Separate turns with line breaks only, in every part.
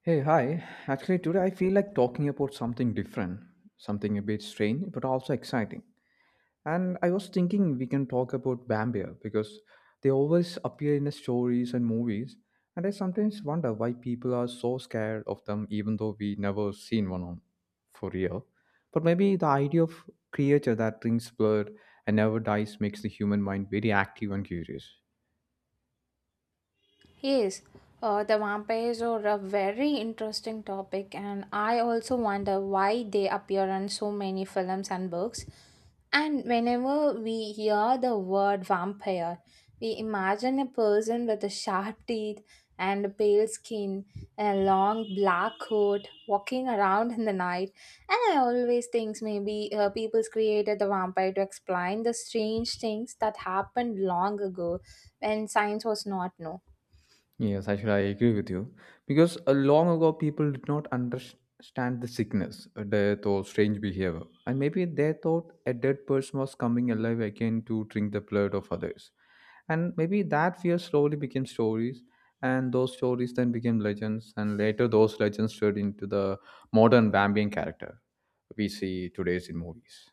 Hey, hi. Actually,
日
today
本
I feel like talking about something different, something a bit strange, but also exciting. And I was thinking we can talk about Bambia because they always appear in the stories and movies. And I sometimes wonder why people are so scared of them, even though we never seen one on for real. But maybe the idea of creature that drinks blood and never dies makes the human mind very active and curious.
Yes, the vampires are a very interesting topic, and I also wonder why they appear in so many films and books. And whenever we hear the word vampire, we imagine a person with a sharp teeth and a pale skin, a long black coat, walking around in the night. And I always think maybe people's created the vampire to explain the strange things that happened long ago when science was not known.
Yes, actually, I agree with you because long ago people did not understand the sickness, death, or strange behavior, and maybe they thought a dead person was coming alive again to drink the blood of others, and maybe that fear slowly became stories, and those stories then became legends, and later those legends turned into the modern vampire character we see today's in movies.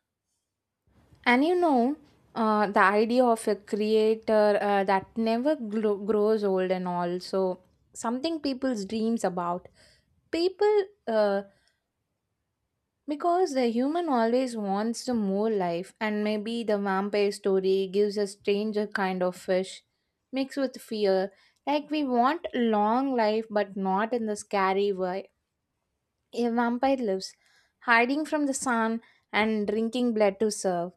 And you know, the idea of a creator that never grows old and also something people's dreams about. People, because the human always wants the more life, and maybe the vampire story gives a stranger kind of fish mixed with fear. Like we want long life, but not in the scary way. A vampire lives, hiding from the sun and drinking blood to survive.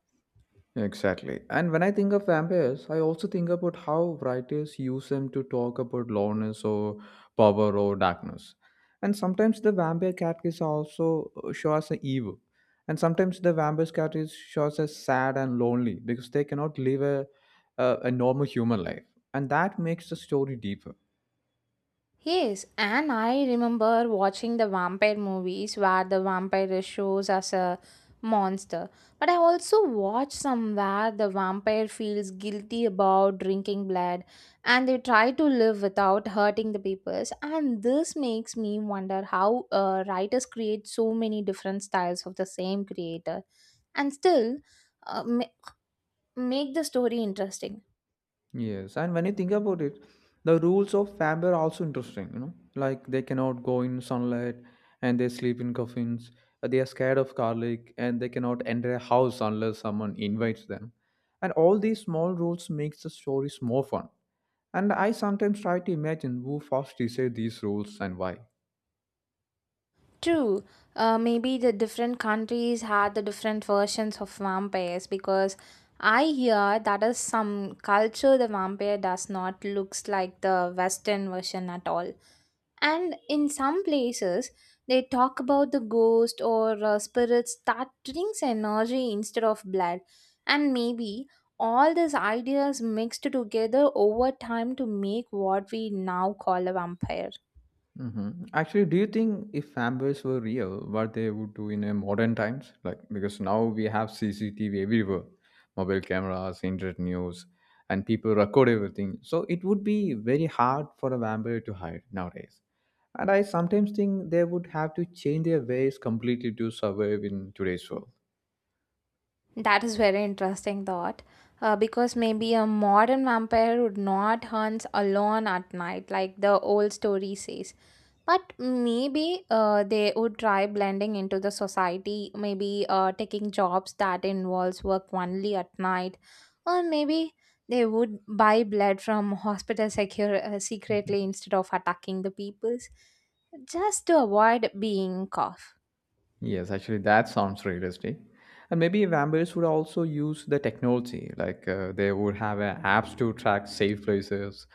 Exactly. And when I think of vampires, I also think about how writers use them to talk about loneliness or power or darkness. And sometimes the vampire cat is also show us an evil. And sometimes the vampire cat is shows as sad and lonely because they cannot live a normal human life. And that makes the story deeper.
Yes, and I remember watching the vampire movies where the vampire shows as a monster. But I also watched some where the vampire feels guilty about drinking blood and they try to live without hurting the people. And this makes me wonder how writers create so many different styles of the same creator and still uh, ma- make the story interesting.
Yes, and when you think about it, the rules of family are also interesting, you know, like they cannot go in sunlight and they sleep in coffins, they are scared of garlic and they cannot enter a house unless someone invites them. And all these small rules makes the stories more fun. And I sometimes try to imagine who first decided these rules and why.
True. Maybe the different countries had the different versions of vampires because I hear that is some culture the vampire does not looks like the Western version at all. And in some places, they talk about the ghost or spirits that drinks energy instead of blood. And maybe all these ideas mixed together over time to make what we now call a vampire.
Mhm. Actually, do you think if vampires were real, what they would do in a modern times? Like because now we have CCTV everywhere, mobile cameras, internet news, and people record everything. So it would be very hard for a vampire to hide nowadays. And I sometimes think they would have to change their ways completely to survive in today's world.
That is very interesting thought, because maybe a modern vampire would not hunt alone at night, like the old story says. But maybe they would try blending into the society, maybe taking jobs that involves work only at night, or maybe they would buy blood from hospital secure secretly instead of attacking the peoples, just to avoid being caught.
Yes, actually, that sounds realistic. And maybe vampires would also use the technology, like they would have a apps to track safe places,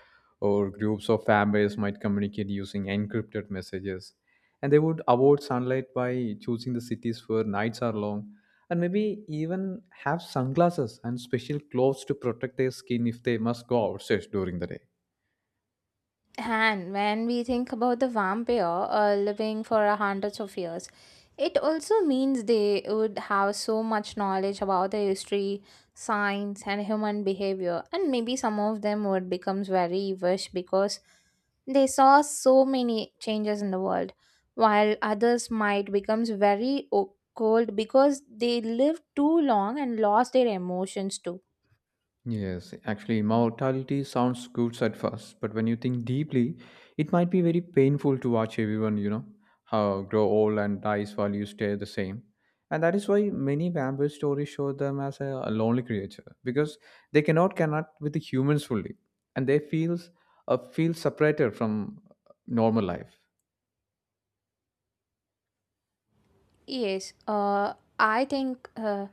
or groups of vampires might communicate using encrypted messages. And they would avoid sunlight by choosing the cities where nights are long, and maybe even have sunglasses and special clothes to protect their skin if they must go outside during the day.
And when we think about the vampire living for a hundreds of years, it also means they would have so much knowledge about the history, science, and human behavior. And maybe some of them would become very wish because they saw so many changes in the world, while others might become very cold because they lived too long and lost their emotions too.
Yes, actually, mortality sounds good at first, but when you think deeply, it might be very painful to watch everyone, you know, how grow old and dies while you stay the same. And that is why many vampire stories show them as a lonely creature because they cannot connect with the humans fully, and they feel separated from normal life.
Yes, I think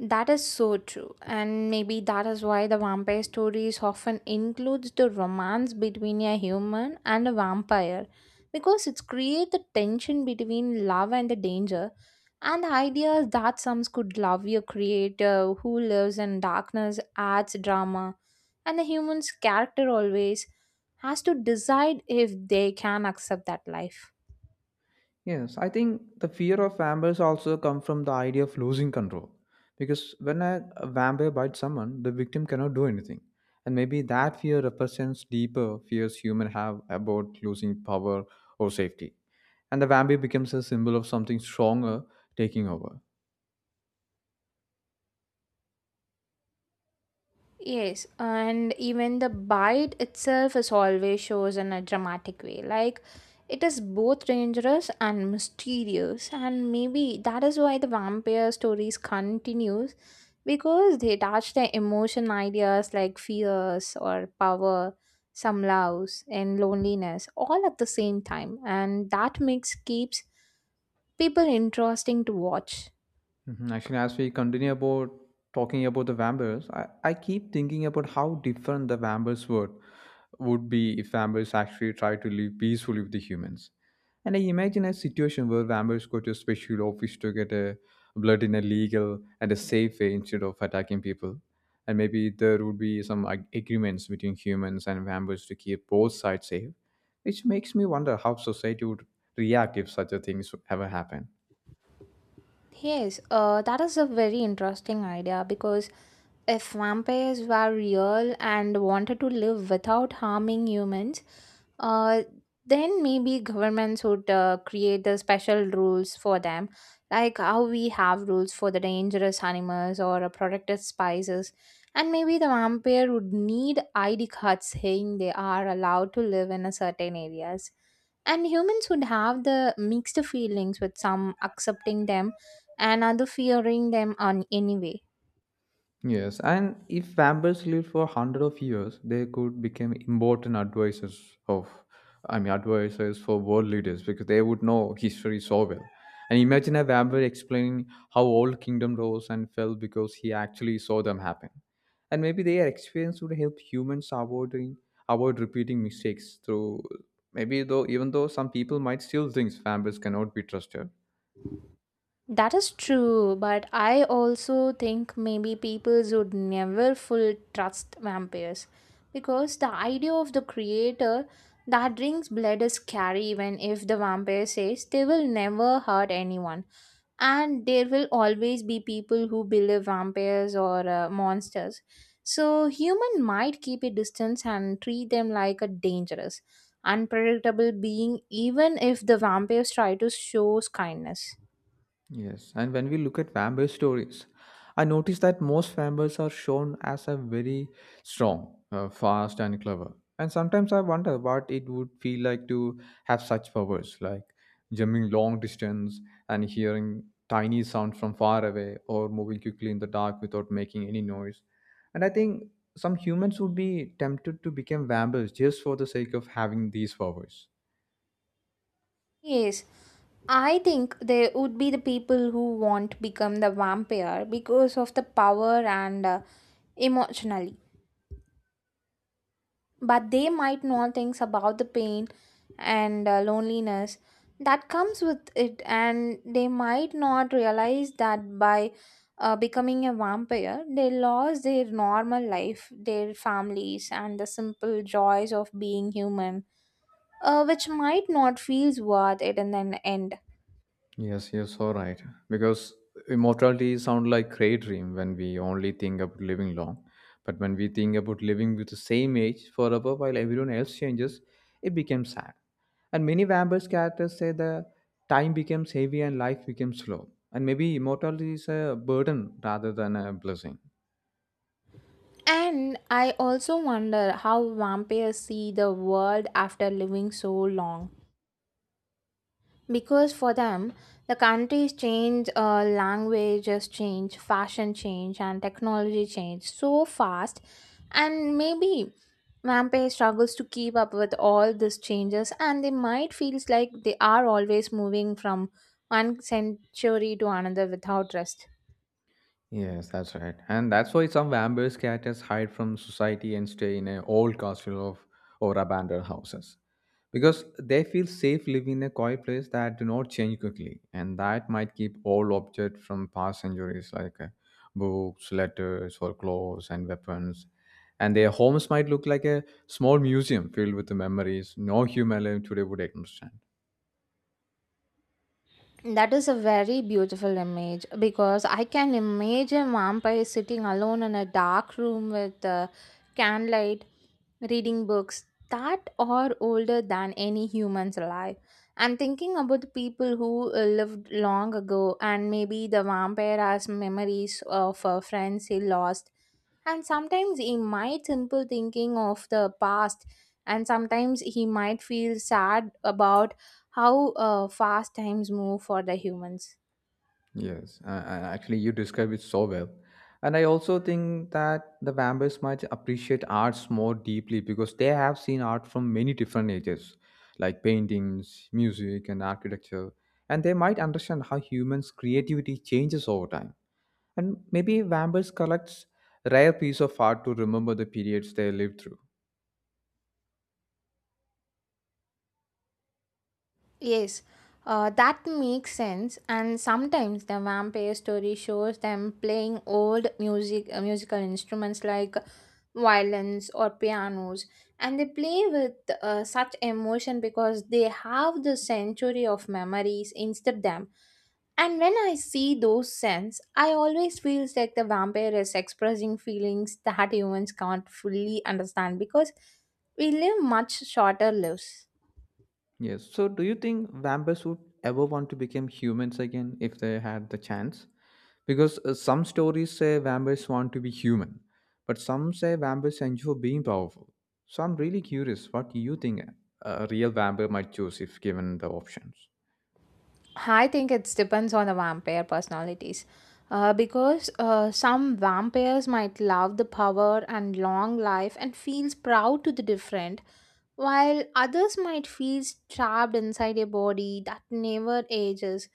that is so true, and maybe that is why the vampire stories often includes the romance between a human and a vampire, because it's create the tension between love and the danger, and the idea that some could love your creator who lives in darkness adds drama, and the human's character always has to decide if they can accept that life.
Yes, I think the fear of vampires also come from the idea of losing control. Because when a vampire bites someone, the victim cannot do anything. And maybe that fear represents deeper fears humans have about losing power or safety. And the vampire becomes a symbol of something stronger taking over.
Yes, and even the bite itself is always shows in a dramatic way. Like it is both dangerous and mysterious, and maybe that is why the vampire stories continues because they touch their emotion ideas like fears or power, some loves and loneliness all at the same time, and that makes keeps people interesting to watch.
Mhm. Actually, as we continue about talking about the vampires, I keep thinking about how different the vampires were would be if vampires actually try to live peacefully with the humans. And I imagine a situation where vampires go to a special office to get a blood in a legal and a safe way instead of attacking people. And maybe there would be some agreements between humans and vampires to keep both sides safe, which makes me wonder how society would react if such a thing ever happened.
Yes, that is a very interesting idea because if vampires were real and wanted to live without harming humans, uh, then maybe governments would create the special rules for them, like how we have rules for the dangerous animals or protected spices. And maybe the vampire would need ID cards saying they are allowed to live in a certain areas and humans would have the mixed feelings with some accepting them and other fearing them on anyway.
Yes, and if vampires lived for hundred of years, they could become important advisors of, I mean, advisors for world leaders because they would know history so well. And imagine a vampire explaining how old kingdom rose and fell because he actually saw them happen. And maybe their experience would help humans avoid repeating mistakes through maybe though even though some people might still think vampires cannot be trusted.
That is true, but I also think maybe people would never full trust vampires because the idea of the creator that drinks blood is scary even if the vampire says they will never hurt anyone. And there will always be people who believe vampires or monsters. So human might keep a distance and treat them like a dangerous, unpredictable being even if the vampires try to show kindness.
Yes, and when we look at vampire stories, I notice that most vampires are shown as a very strong, fast, and clever. And sometimes I wonder what it would feel like to have such powers, like jumping long distance and hearing tiny sounds from far away, or moving quickly in the dark without making any noise. And I think some humans would be tempted to become vampires just for the sake of having these powers.
Yes, I think there would be the people who won't become the vampire because of the power and emotionally, but they might not think about the pain and loneliness that comes with it, and they might not realize that by becoming a vampire, they lost their normal life, their families, and the simple joys of being human, which might not feel worth it in the end.
Yes, you're so right. Because immortality sounds like gray dream when we only think about living long. But when we think about living with the same age forever while everyone else changes, it becomes sad. And many vampires characters say the time becomes heavy and life becomes slow. And maybe immortality is a burden rather than a blessing.
And I also wonder how vampires see the world after living so long. Because for them, the countries change, languages change, fashion change, and technology change so fast. And maybe vampire struggles to keep up with all these changes, and they might feels like they are always moving from one century to another without rest.
Yes, that's right. And that's why some vampire characters hide from society and stay in an old castle of or abandoned houses. Because they feel safe living in a quiet place that do not change quickly, and that might keep all objects from past centuries like books, letters, or clothes and weapons. And their homes might look like a small museum filled with the memories no human alive today would understand.
That is a very beautiful image because I can imagine vampire sitting alone in a dark room with candlelight, reading books that are older than any humans alive. I'm thinking about the people who lived long ago, and maybe the vampire has memories of friends he lost and sometimes he might simple thinking of the past, and sometimes he might feel sad about how fast times move for the humans.
Yes, and actually, you describe it so well. And I also think that the vampires might appreciate arts more deeply because they have seen art from many different ages, like paintings, music, and architecture. And they might understand how humans' creativity changes over time. And maybe vampires collects rare piece of art to remember the periods they lived through.
Yes, that makes sense. And sometimes the vampire story shows them playing old music, musical instruments like violins or pianos, and they play with such emotion because they have the century of memories instead them. And when I see those scenes, I always feels like the vampire is expressing feelings that humans can't fully understand because we live much shorter lives.
Yes. So, do you think vampires would ever want to become humans again if they had the chance? Because some stories say vampires want to be human, but some say vampires enjoy being powerful. So, I'm really curious what you think a real vampire might choose if given the options.
I think it depends on the vampire personalities. Because some vampires might love the power and long life and feels proud to the different, while others might feel trapped inside a body that never ages.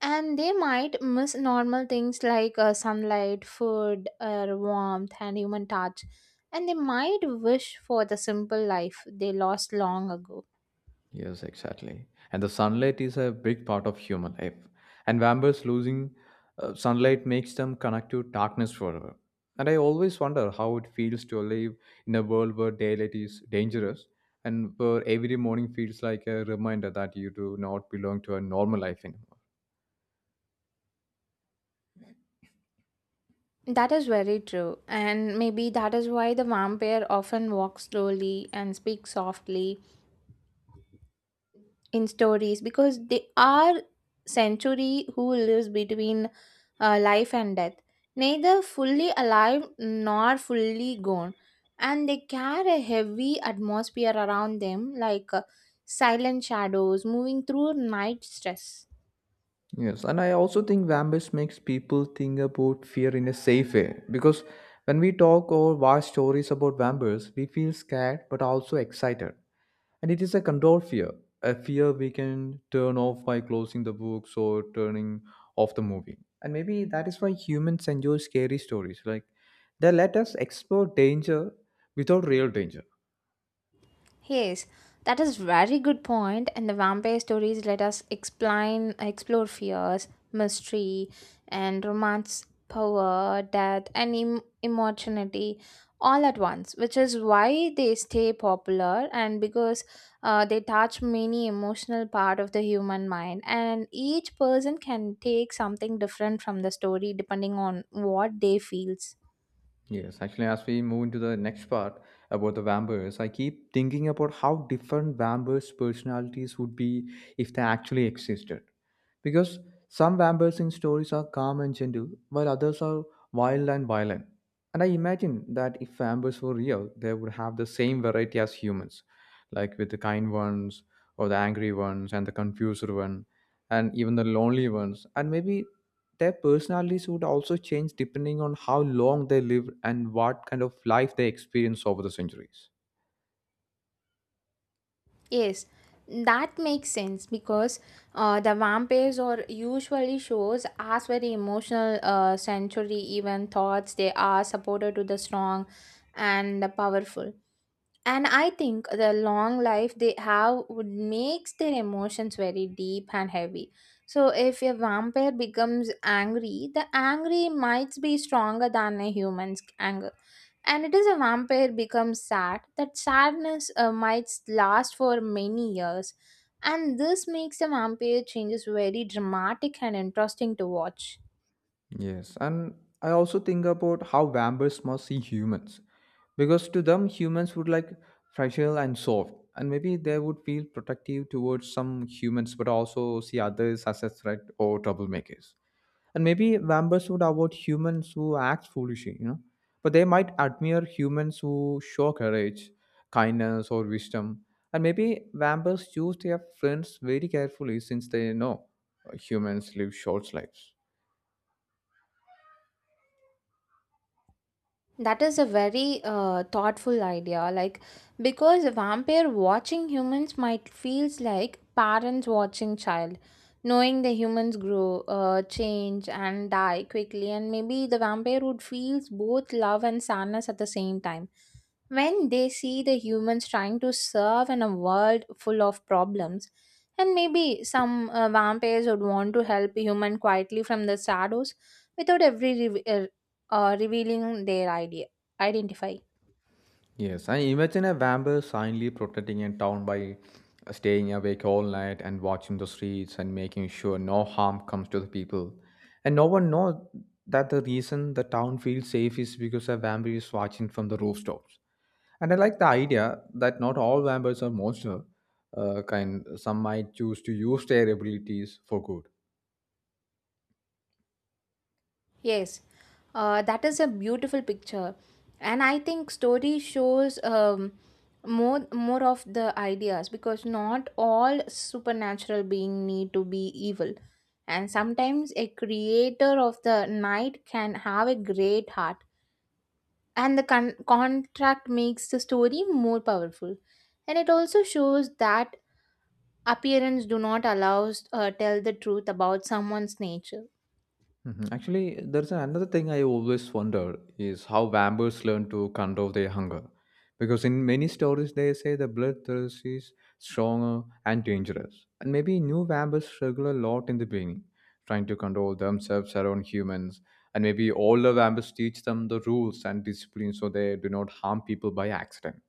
And they might miss normal things like sunlight, food, air, warmth, and human touch. And they might wish for the simple life they lost long ago.
Yes, exactly. And the sunlight is a big part of human life. And vampires losing sunlight makes them connect to darkness forever. And I always wonder how it feels to live in a world where daylight is dangerous and where every morning feels like a reminder that you do not belong to a normal life anymore.
That is very true, and maybe that is why the vampire often walks slowly and speaks softly in stories because they are century who lives between life and death, neither fully alive nor fully gone, and they carry a heavy atmosphere around them like silent shadows moving through night stress.
Yes, and I also think vampires makes people think about fear in a safe way because when we talk or watch stories about vampires, we feel scared but also excited. And it is a control fear, a fear we can turn off by closing the books or turning off the movie. And maybe that is why humans enjoy scary stories. Like they let us explore danger without real danger.
Yes, that is very good point. And the vampire stories let us explain, explore fears, mystery, and romance, power, death, and immortality all at once, which is why they stay popular and because they touch many emotional part of the human mind. And each person can take something different from the story depending on what they feels.
Yes, actually, as we move into the next part about the vampires, I keep thinking about how different vampires' personalities would be if they actually existed. Because some vampires in stories are calm and gentle, while others are wild and violent. And I imagine that if vampires were real, they would have the same variety as humans, like with the kind ones, or the angry ones, and the confused one, and even the lonely ones. And maybe their personalities would also change depending on how long they live and what kind of life they experience over the centuries.
Yes, that makes sense because the vampires or usually shows as very emotional century even thoughts they are supported to the strong and the powerful, and I think the long life they have would makes their emotions very deep and heavy, so if a vampire becomes angry the angry might be stronger than a human's anger, and it is a vampire becomes sad that sadness might last for many years, and this makes the vampire changes very dramatic and interesting to watch.
Yes, and I also think about how vampires must see humans because to them, humans would like fragile and soft, and maybe they would feel protective towards some humans but also see others as a threat or troublemakers. And maybe vampires would avoid humans who act foolishly, you know, but they might admire humans who show courage, kindness, or wisdom. And maybe vampires choose their friends very carefully since they know humans live short lives.
That is a very thoughtful idea. Like, because a vampire watching humans might feels like parents watching child, knowing the humans grow, change, and die quickly, and maybe the vampire would feels both love and sadness at the same time when they see the humans trying to serve in a world full of problems, and maybe some vampires would want to help human quietly from the shadows without every revealing their idea identify.
Yes, and imagine a vampire silently protecting a town by staying awake all night and watching the streets and making sure no harm comes to the people. And no one knows that the reason the town feels safe is because a vampire is watching from the rooftops. And I like the idea that not all vampires are monsters. Kind some might choose to use their abilities for good.
Yes, that is a beautiful picture, and I think story shows more of the ideas because not all supernatural being need to be evil, and sometimes a creator of the night can have a great heart, and the contract makes the story more powerful, and it also shows that appearance do not allows tell the truth about someone's nature.
Mhm. Actually, there's another thing I always wonder is how vampires learn to control their hunger. Because in many stories, they say the bloodthirst is stronger and dangerous. And maybe new vampires struggle a lot in the beginning, trying to control themselves around humans. And maybe older vampires teach them the rules and discipline so they do not harm people by accident.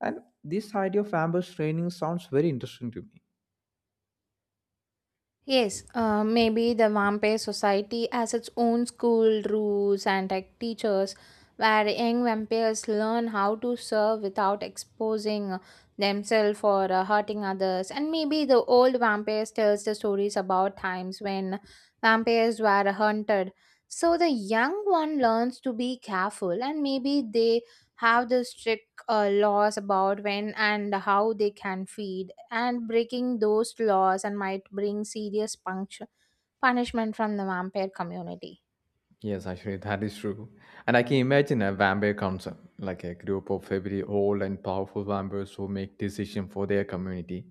And this idea of vampires training sounds very interesting to me.
Yes, maybe the vampire society has its own school rules and like teachers where young vampires learn how to serve without exposing themselves or hurting others. And maybe the old vampires tells the stories about times when vampires were hunted. So the young one learns to be careful and maybe they have the strict laws about when and how they can feed, and breaking those laws and might bring serious punishment from the vampire community.
Yes, actually, that is true. And I can imagine a vampire council, like a group of very old and powerful vampires who make decisions for their community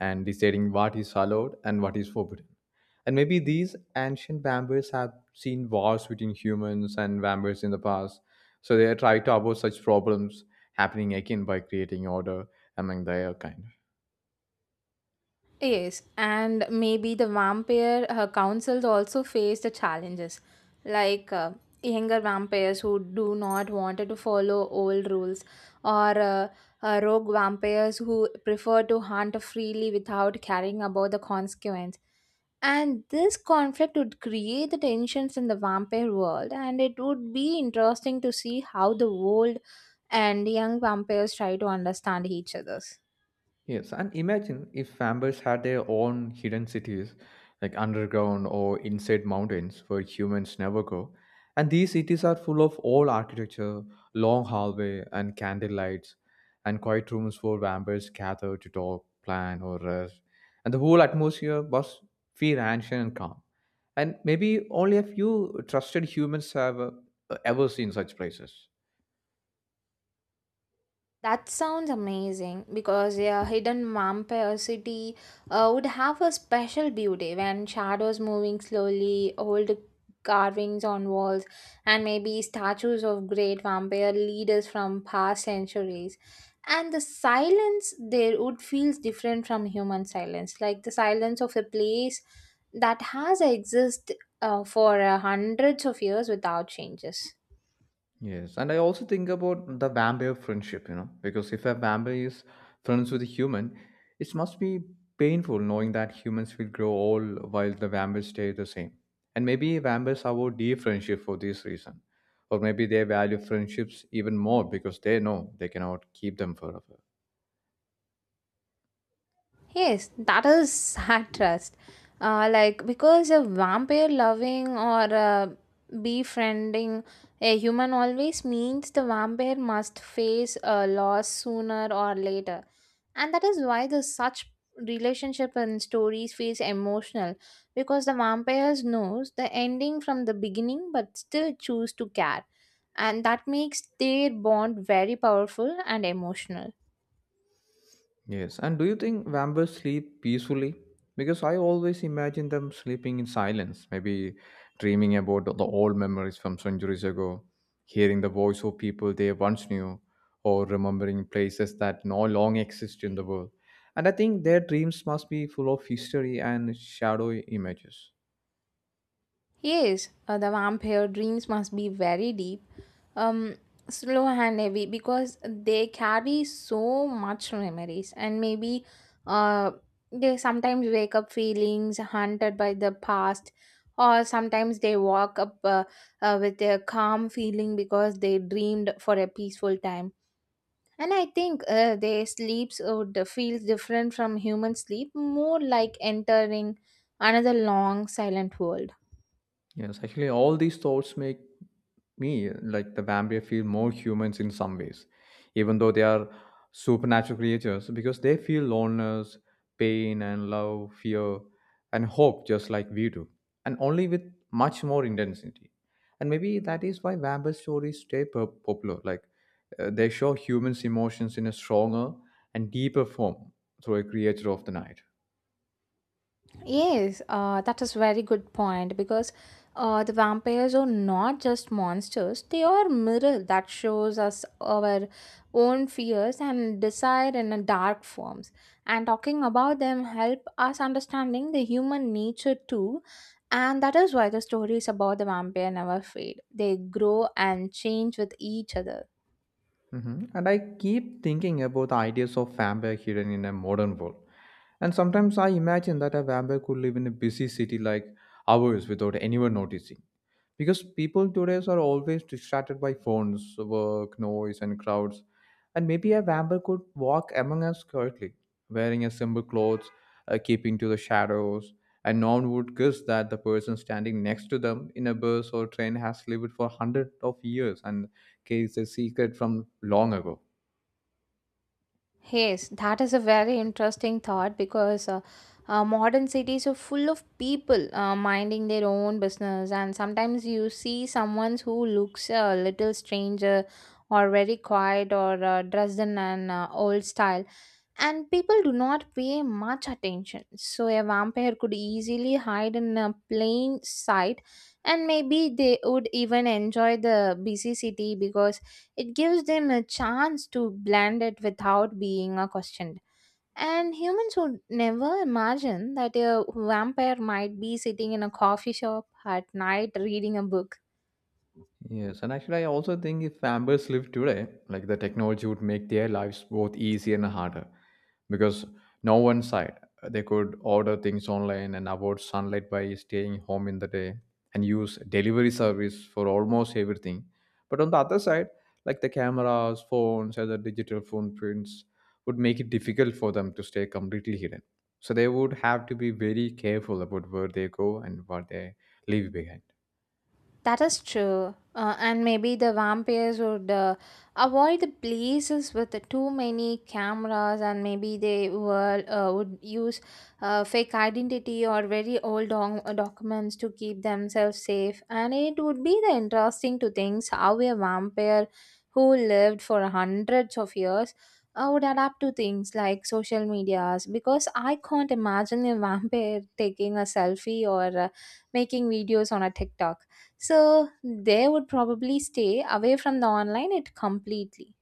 and deciding what is allowed and what is forbidden. And maybe these ancient vampires have seen wars between humans and vampires in the past, so they try to avoid such problems happening again by creating order among their kind.
Yes, and maybe the vampire councils also face the challenges, like younger vampires who do not want to follow old rules, or rogue vampires who prefer to hunt freely without caring about the consequence. And this conflict would create the tensions in the vampire world, and it would be interesting to see how the old and young vampires try to understand each other's.
Yes, and imagine if vampires had their own hidden cities, like underground or inside mountains where humans never go. And these cities are full of old architecture, long hallway and candle lights, and quiet rooms where vampires gather to talk, plan, or rest. And the whole atmosphere must feel ancient and calm. And maybe only a few trusted humans have ever seen such places.
That sounds amazing because a hidden vampire city would have a special beauty when shadows moving slowly, old carvings on walls, and maybe statues of great vampire leaders from past centuries. And the silence there would feel different from human silence, like the silence of a place that has existed for hundreds of years without changes.
Yes, and I also think about the vampire friendship, you know, because if a vampire is friends with a human, it must be painful knowing that humans will grow old while the vampires stay the same. And maybe vampires avoid deep friendship for this reason. Or maybe they value friendships even more because they know they cannot keep them forever.
Yes, that is sad trust. Like because a vampire loving or befriending a human always means the vampire must face a loss sooner or later, and that is why the such relationship and stories feels emotional because the vampires knows the ending from the beginning but still choose to care, and that makes their bond very powerful and emotional.
Yes, and do you think vampires sleep peacefully? Because I always imagine them sleeping in silence, maybe dreaming about the old memories from centuries ago, hearing the voice of people they once knew, or remembering places that no longer exist in the world. And I think their dreams must be full of history and shadowy images.
Yes, the vampire dreams must be very deep, um, slow and heavy because they carry so much memories and maybe uh, they sometimes wake up feelings haunted by the past or sometimes they walk up with a calm feeling because they dreamed for a peaceful time. And I think their sleeps would feel different from human sleep, more like entering another long silent world.
Yes, actually, all these thoughts make me like the vampire feel more humans in some ways, even though they are supernatural creatures, because they feel loneliness, pain, and love, fear, and hope just like we do, and only with much more intensity. And maybe that is why vampire stories stay popular. Like they show humans' emotions in a stronger and deeper form through a creature of the night.
Yes, that is very good point because the vampires are not just monsters; they are mirror that shows us our own fears and desire in a dark forms. And talking about them help us understanding the human nature too, and that is why the stories about the vampire never fade. They grow and change with each other.
Mhm. And I keep thinking about the ideas of vampire hidden in a modern world. And sometimes I imagine that a vampire could live in a busy city like ours without anyone noticing because people today are always distracted by phones, work, noise, and crowds. And maybe a vampire could walk among us quietly, wearing a simple clothes, keeping to the shadows, and no one would guess that the person standing next to them in a bus or train has lived for hundreds of years and carries a secret from long ago.
Yes, that is a very interesting thought because modern cities are full of people minding their own business, and sometimes you see someone who looks a little stranger or very quiet or dressed in an old style and people do not pay much attention. So a vampire could easily hide in a plain sight and maybe they would even enjoy the busy city because it gives them a chance to blend it without being questioned. And humans would never imagine that a vampire might be sitting in a coffee shop at night reading a book.
Yes, and actually, I also think if Ambers lived today, like the technology would make their lives both easier and harder because no one side they could order things online and avoid sunlight by staying home in the day and use delivery service for almost everything. But on the other side, like the cameras, phones, other the digital footprints would make it difficult for them to stay completely hidden. So they would have to be very careful about where they go and what they leave behind.
That is true. And maybe the vampires would avoid the places with the too many cameras, and maybe they were, would use fake identity or very old documents to keep themselves safe. And it would be the interesting to think how a vampire who lived for hundreds of years would adapt to things like social medias. Because I can't imagine a vampire taking a selfie or making videos on a TikTok, so they would probably stay away from the online it completely.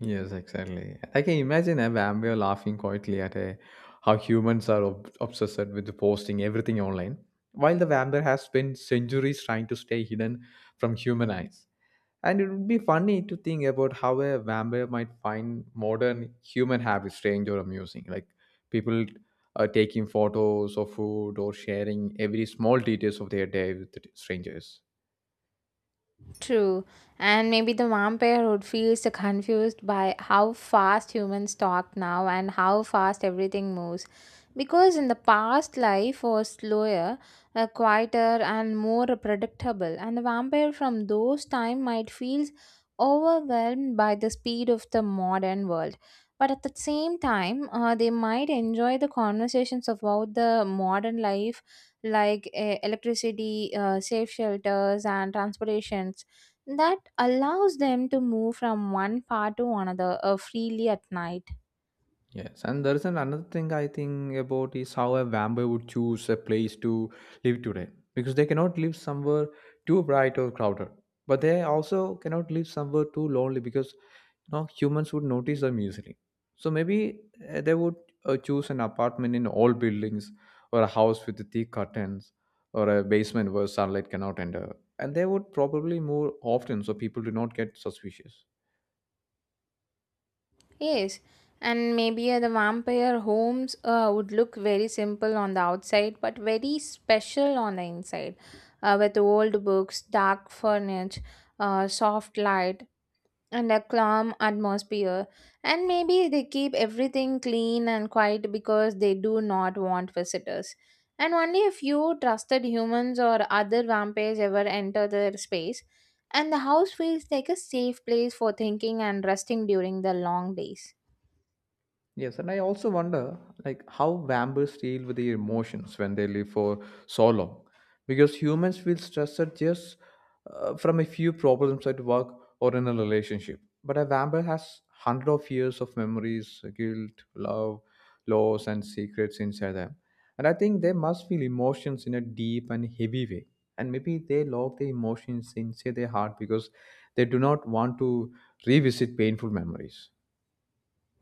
Yes, exactly. I can imagine a vampire laughing quietly at a, how humans are obsessed with posting everything online, while the Vampire has spent centuries trying to stay hidden from human eyes. And it would be funny to think about how a vampire might find modern human habits strange or amusing, like people taking photos of food or sharing every small details of their day with strangers.
True. And maybe the vampirehood feels confused by how fast humans talk now and how fast everything moves. Because in the past, life was slower, quieter, and more predictable. And the vampire from those time might feel overwhelmed by the speed of the modern world. But at the same time, they might enjoy the conversations about the modern life, like electricity, safe shelters, and transportation that allows them to move from one part to another freely at night.
Yes, and there is an another thing I think about is how a vampire would choose a place to live today because they cannot live somewhere too bright or crowded, but they also cannot live somewhere too lonely because no humans would notice them easily. So maybe they would choose an apartment in old buildings or a house with thick curtains or a basement where sunlight cannot enter, and they would probably move often so people do not get suspicious.
Yes, and maybe the vampire homes would look very simple on the outside but very special on the inside, with old books, dark furniture, soft light, and a calm atmosphere, and maybe they keep everything clean and quiet because they do not want visitors, and only a few trusted humans or other vampires ever enter their space, and the house feels like a safe place for thinking and resting during the long days.
Yes, and I also wonder like how vampires deal with their emotions when they live for so long, because humans feel stressed just from a few problems at work or in a relationship, but a vampire has hundred of years of memories, guilt, love, loss, and secrets inside them, and I think they must feel emotions in a deep and heavy way, and maybe they lock the emotions inside their heart because they do not want to revisit painful memories.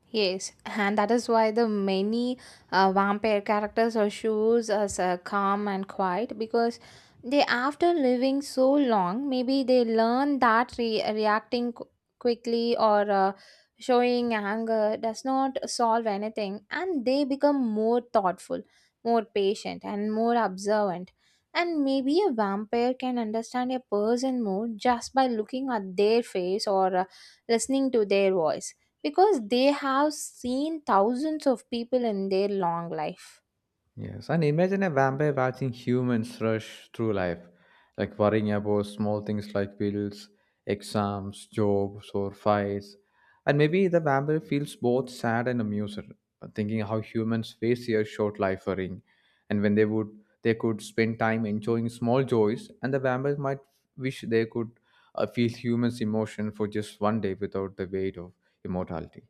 Yes, and that is why the many vampire characters are shows as calm and quiet because they, after living so long, maybe they learn that reacting quickly or showing anger does not solve anything, and they become more thoughtful, more patient, and more observant. And maybe a vampire can understand a person more just by looking at their face or listening to their voice because they have seen thousands of people in their long life.
Yes, and imagine a vampire watching humans rush through life, like worrying about small things like bills, exams, jobs, or fights. And maybe the vampire feels both sad and amused, thinking how humans face their short life worrying, and when they would they could spend time enjoying small joys, and the vampire might wish they could feel humans' emotion for just one day without the weight of immortality.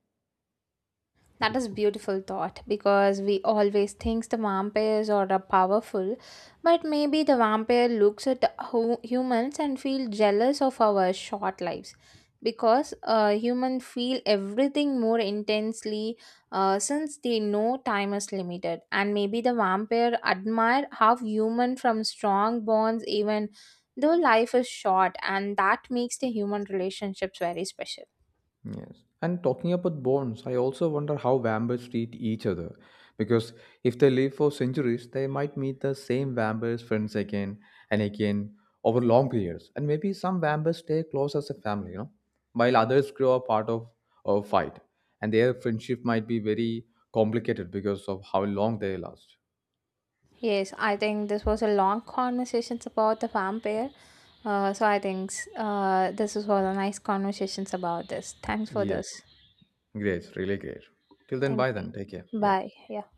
That is beautiful thought because we always think the vampires are the powerful, but maybe the vampire looks at humans and feel jealous of our short lives because humans feel everything more intensely since they know time is limited, and maybe the vampire admire how human from strong bonds even though life is short, and that makes the human relationships very special.
Yes. And talking about bonds, I also wonder how vampires treat each other. Because if they live for centuries, they might meet the same vampires friends again and again over long periods. And maybe some vampires stay close as a family, you know, while others grow apart of a fight. And their friendship might be very complicated because of how long they last.
Yes, I think this was a long conversations about the vampire. So I think this was a nice conversations about this. Thanks for
Yes.
this.
Great. Really great. Till then,
Thank
bye then. Take care.
you.
Yeah.
Bye. Yeah.